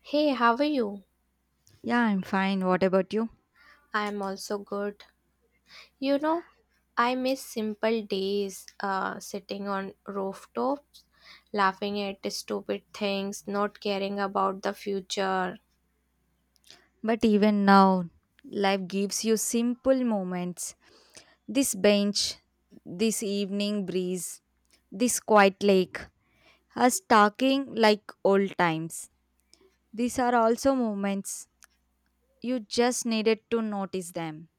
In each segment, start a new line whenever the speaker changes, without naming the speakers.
Hey, how are you?
Yeah, I'm fine. What about you?
I'm also good. You know, I miss simple days sitting on rooftops, laughing at stupid things, not caring about the future.
But even now, life gives you simple moments. This bench, this evening breeze, this quiet lake, us talking like old times. These are also moments. You just needed to notice them.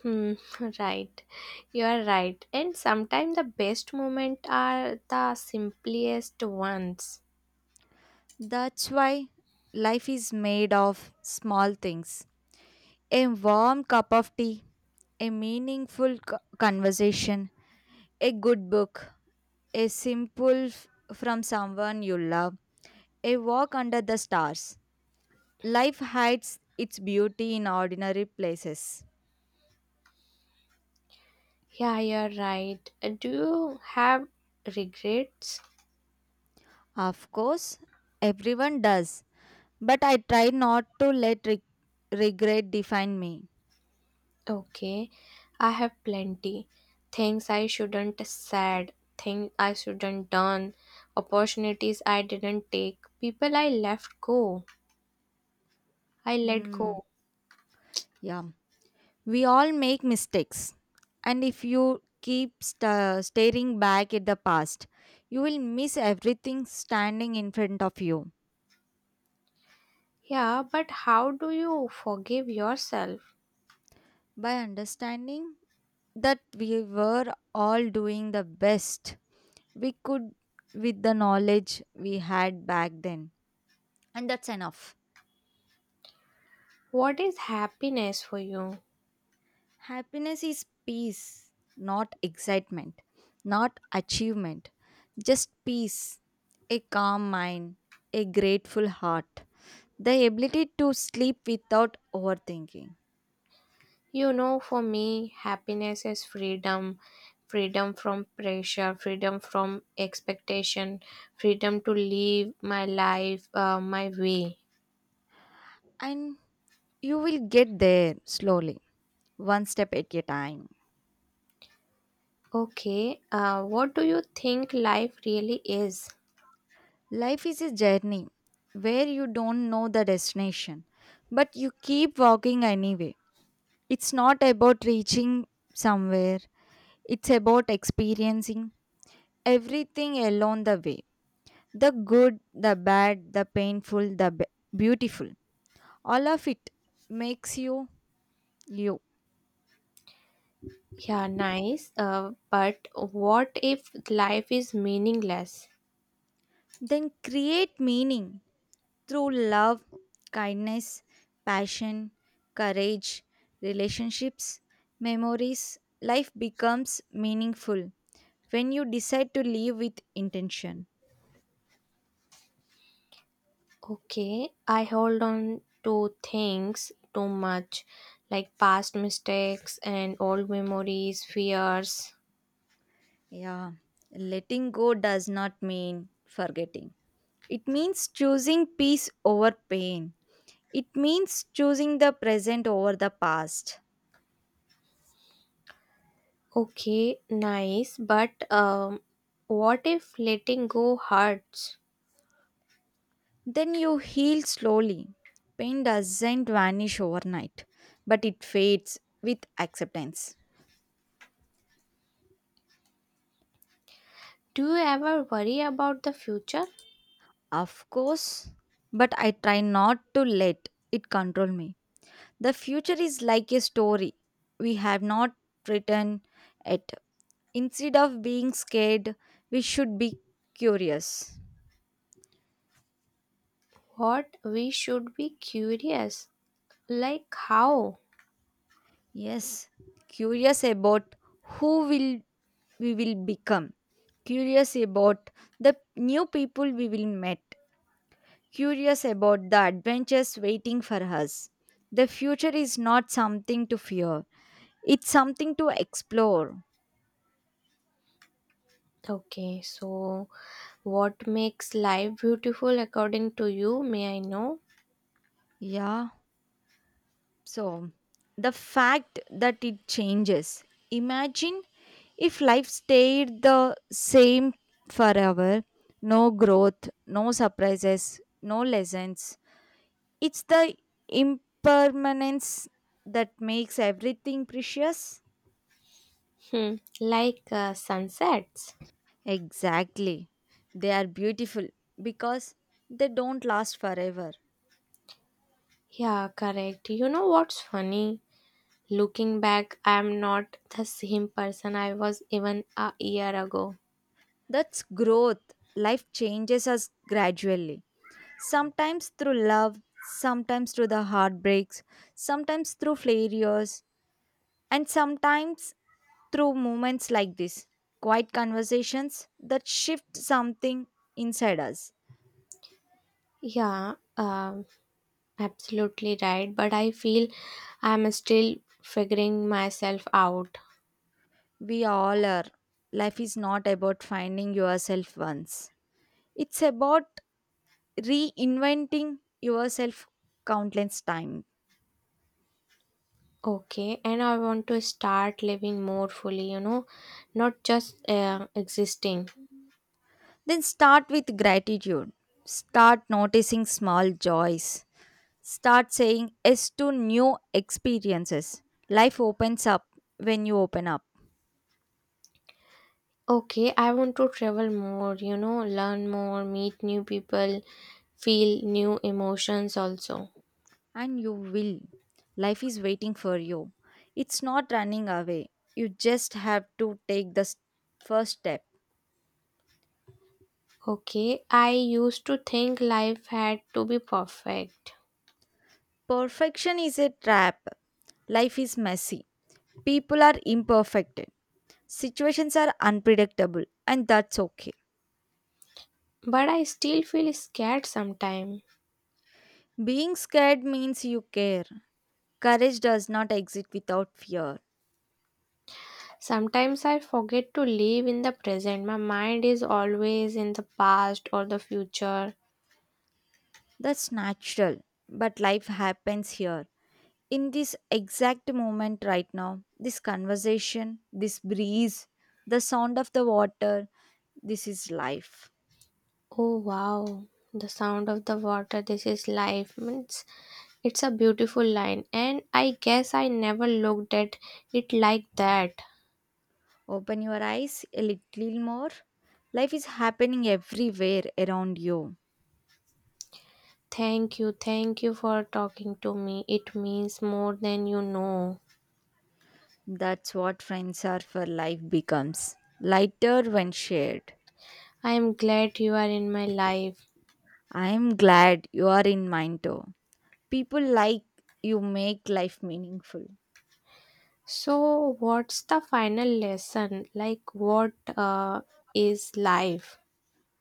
Hmm, right. You are right. And sometimes the best moments are the simplest ones.
That's why life is made of small things. A warm cup of tea, a meaningful conversation, a good book, a simple f- from someone you love, a walk under the stars. Life hides its beauty in ordinary places.
Yeah, you're right. Do you have regrets?
Of course, everyone does, but I try not to let regret define me.
Okay, I have plenty. Things I shouldn't said, things I shouldn't done, opportunities I didn't take, people I left go. I let
Hmm,
go.
yeah, we all make mistakes, and if you keep staring back at the past, you will miss everything standing in front of you.
Yeah, but how do you forgive yourself?
By understanding, that we were all doing the best we could with the knowledge we had back then. And that's enough.
What is happiness for you?
Happiness is peace, not excitement, not achievement, just peace, a calm mind, a grateful heart, the ability to sleep without overthinking.
You know, for me, happiness is freedom. Freedom from pressure, freedom from expectation, freedom to live my life my way.
And you will get there slowly, one step at a time.
Okay, what do you think life really is?
Life is a journey where you don't know the destination, but you keep walking anyway. It's not about reaching somewhere, it's about experiencing everything along the way the good, the bad, the painful, the beautiful. All of it makes you you.
Yeah, nice. But what if life is meaningless?
Then create meaning through love, kindness, passion, courage, relationships, memories, life becomes meaningful when you decide to live with intention.
Okay, I hold on to things too much, like past mistakes and old memories, fears.
Yeah, letting go does not mean forgetting. It means choosing peace over pain. It means choosing the present over the past.
Okay, nice. But what if letting go hurts?
Then you heal slowly. Pain doesn't vanish overnight, but it fades with acceptance.
Do you ever worry about the future?
Of course, but I try not to let it control me. The future is like a story we have not written yet. Instead of being scared, we should be curious.
What we should be curious, like how?
Yes, curious about who will we will become. Curious about the new people we will meet. Curious about the adventures waiting for us. The future is not something to fear. It's something to explore.
Okay, so what makes life beautiful according to you? May I know?
Yeah. So, the fact that it changes. Imagine if life stayed the same forever no growth, no surprises, no lessons. It's the impermanence that makes everything precious.
Hmm, like sunsets.
Exactly. They are beautiful because they don't last forever.
Yeah, correct. You know what's funny? Looking back, I am not the same person I was even a year ago.
That's growth. Life changes us gradually. Sometimes through love, sometimes through the heartbreaks, sometimes through failures, and sometimes through moments like this. Quiet conversations that shift something inside us.
Yeah, absolutely right. But I feel I'm still figuring myself out.
We all are. Life is not about finding yourself once, it's about reinventing yourself countless times.
Okay, and I want to start living more fully, you know, not just existing.
Then start with gratitude. Start noticing small joys. Start saying yes to new experiences. Life opens up when you open up,
Okay, I want to travel more, you know, learn more, meet new people, feel new emotions also.
and you will. Life is waiting for you. It's not running away. You just have to take the s- first step.
Okay, I used to think life had to be perfect,
Perfection is a trap. Life is messy. People are imperfect. Situations are unpredictable, and that's okay.
but I still feel scared sometimes.
Being scared means you care. Courage does not exist without fear.
Sometimes I forget to live in the present. My mind is always in the past or the future.
That's natural, but life happens here. In this exact moment right now, this conversation, this breeze, the sound of the water, this is life.
Oh wow, the sound of the water, this is life. Means it's a beautiful line, and I guess I never looked at it like that.
Open your eyes a little more. Life is happening everywhere around you.
Thank you for talking to me. It means more than you know.
That's what friends are for life becomes lighter when shared.
I am glad you are in my life.
I am glad you are in mine too. People like you make life meaningful.
So, what's the final lesson? Like, what is life?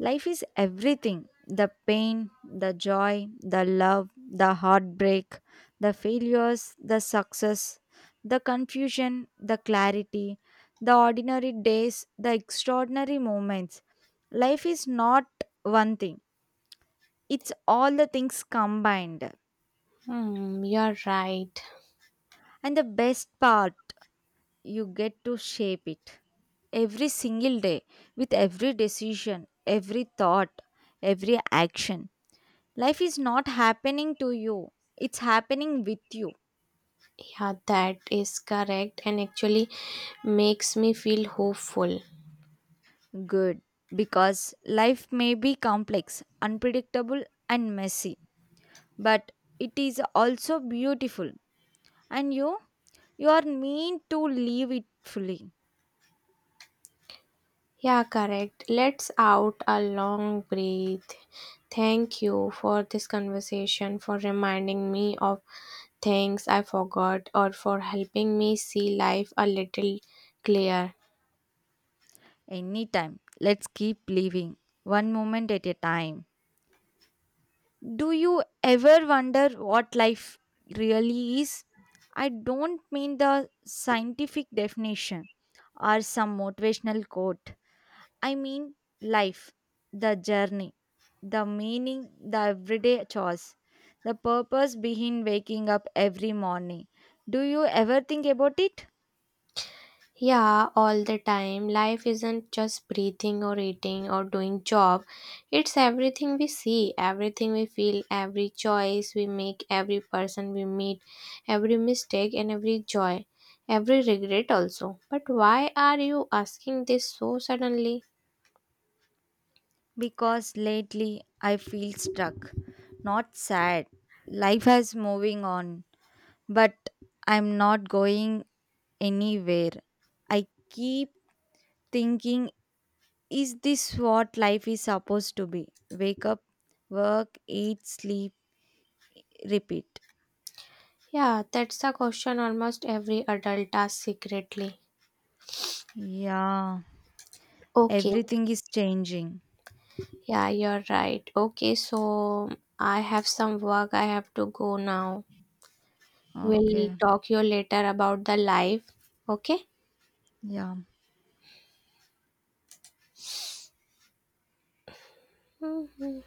Life is everything the pain, the joy, the love, the heartbreak, the failures, the success, the confusion, the clarity, the ordinary days, the extraordinary moments. Life is not one thing, it's all the things combined.
Hmm, you're right.
And the best part, you get to shape it every single day with every decision, every thought, every action. Life is not happening to you, it's happening with you.
Yeah, that is correct, and actually makes me feel hopeful.
Good. Because life may be complex, unpredictable, and messy, but it is also beautiful. And you are meant to live it fully.
Yeah, correct. Let's out a long breath. Thank you for this conversation, for reminding me of things I forgot, or for helping me see life a little clearer.
Anytime. Let's keep living, one moment at a time. Do you ever wonder what life really is? I don't mean the scientific definition or some motivational quote. I mean, life, the journey, the meaning, the everyday chores, the purpose behind waking up every morning. Do you ever think about it?
Yeah, all the time. Life isn't just breathing or eating or doing job. It's everything we see, everything we feel, every choice we make, every person we meet, every mistake and every joy, every regret also. But why are you asking this so suddenly?
Because lately I feel stuck, not sad. Life is moving on, but I'm not going anywhere. I keep thinking, is this what life is supposed to be? Wake up, work, eat, sleep, repeat.
Yeah, that's a question almost every adult asks secretly.
Yeah,
Okay.
everything is changing.
Yeah, you're right. Okay, so I have some work I have to go now. We'll
Okay.
talk you later about the life. Okay?
Yeah.
Mhm.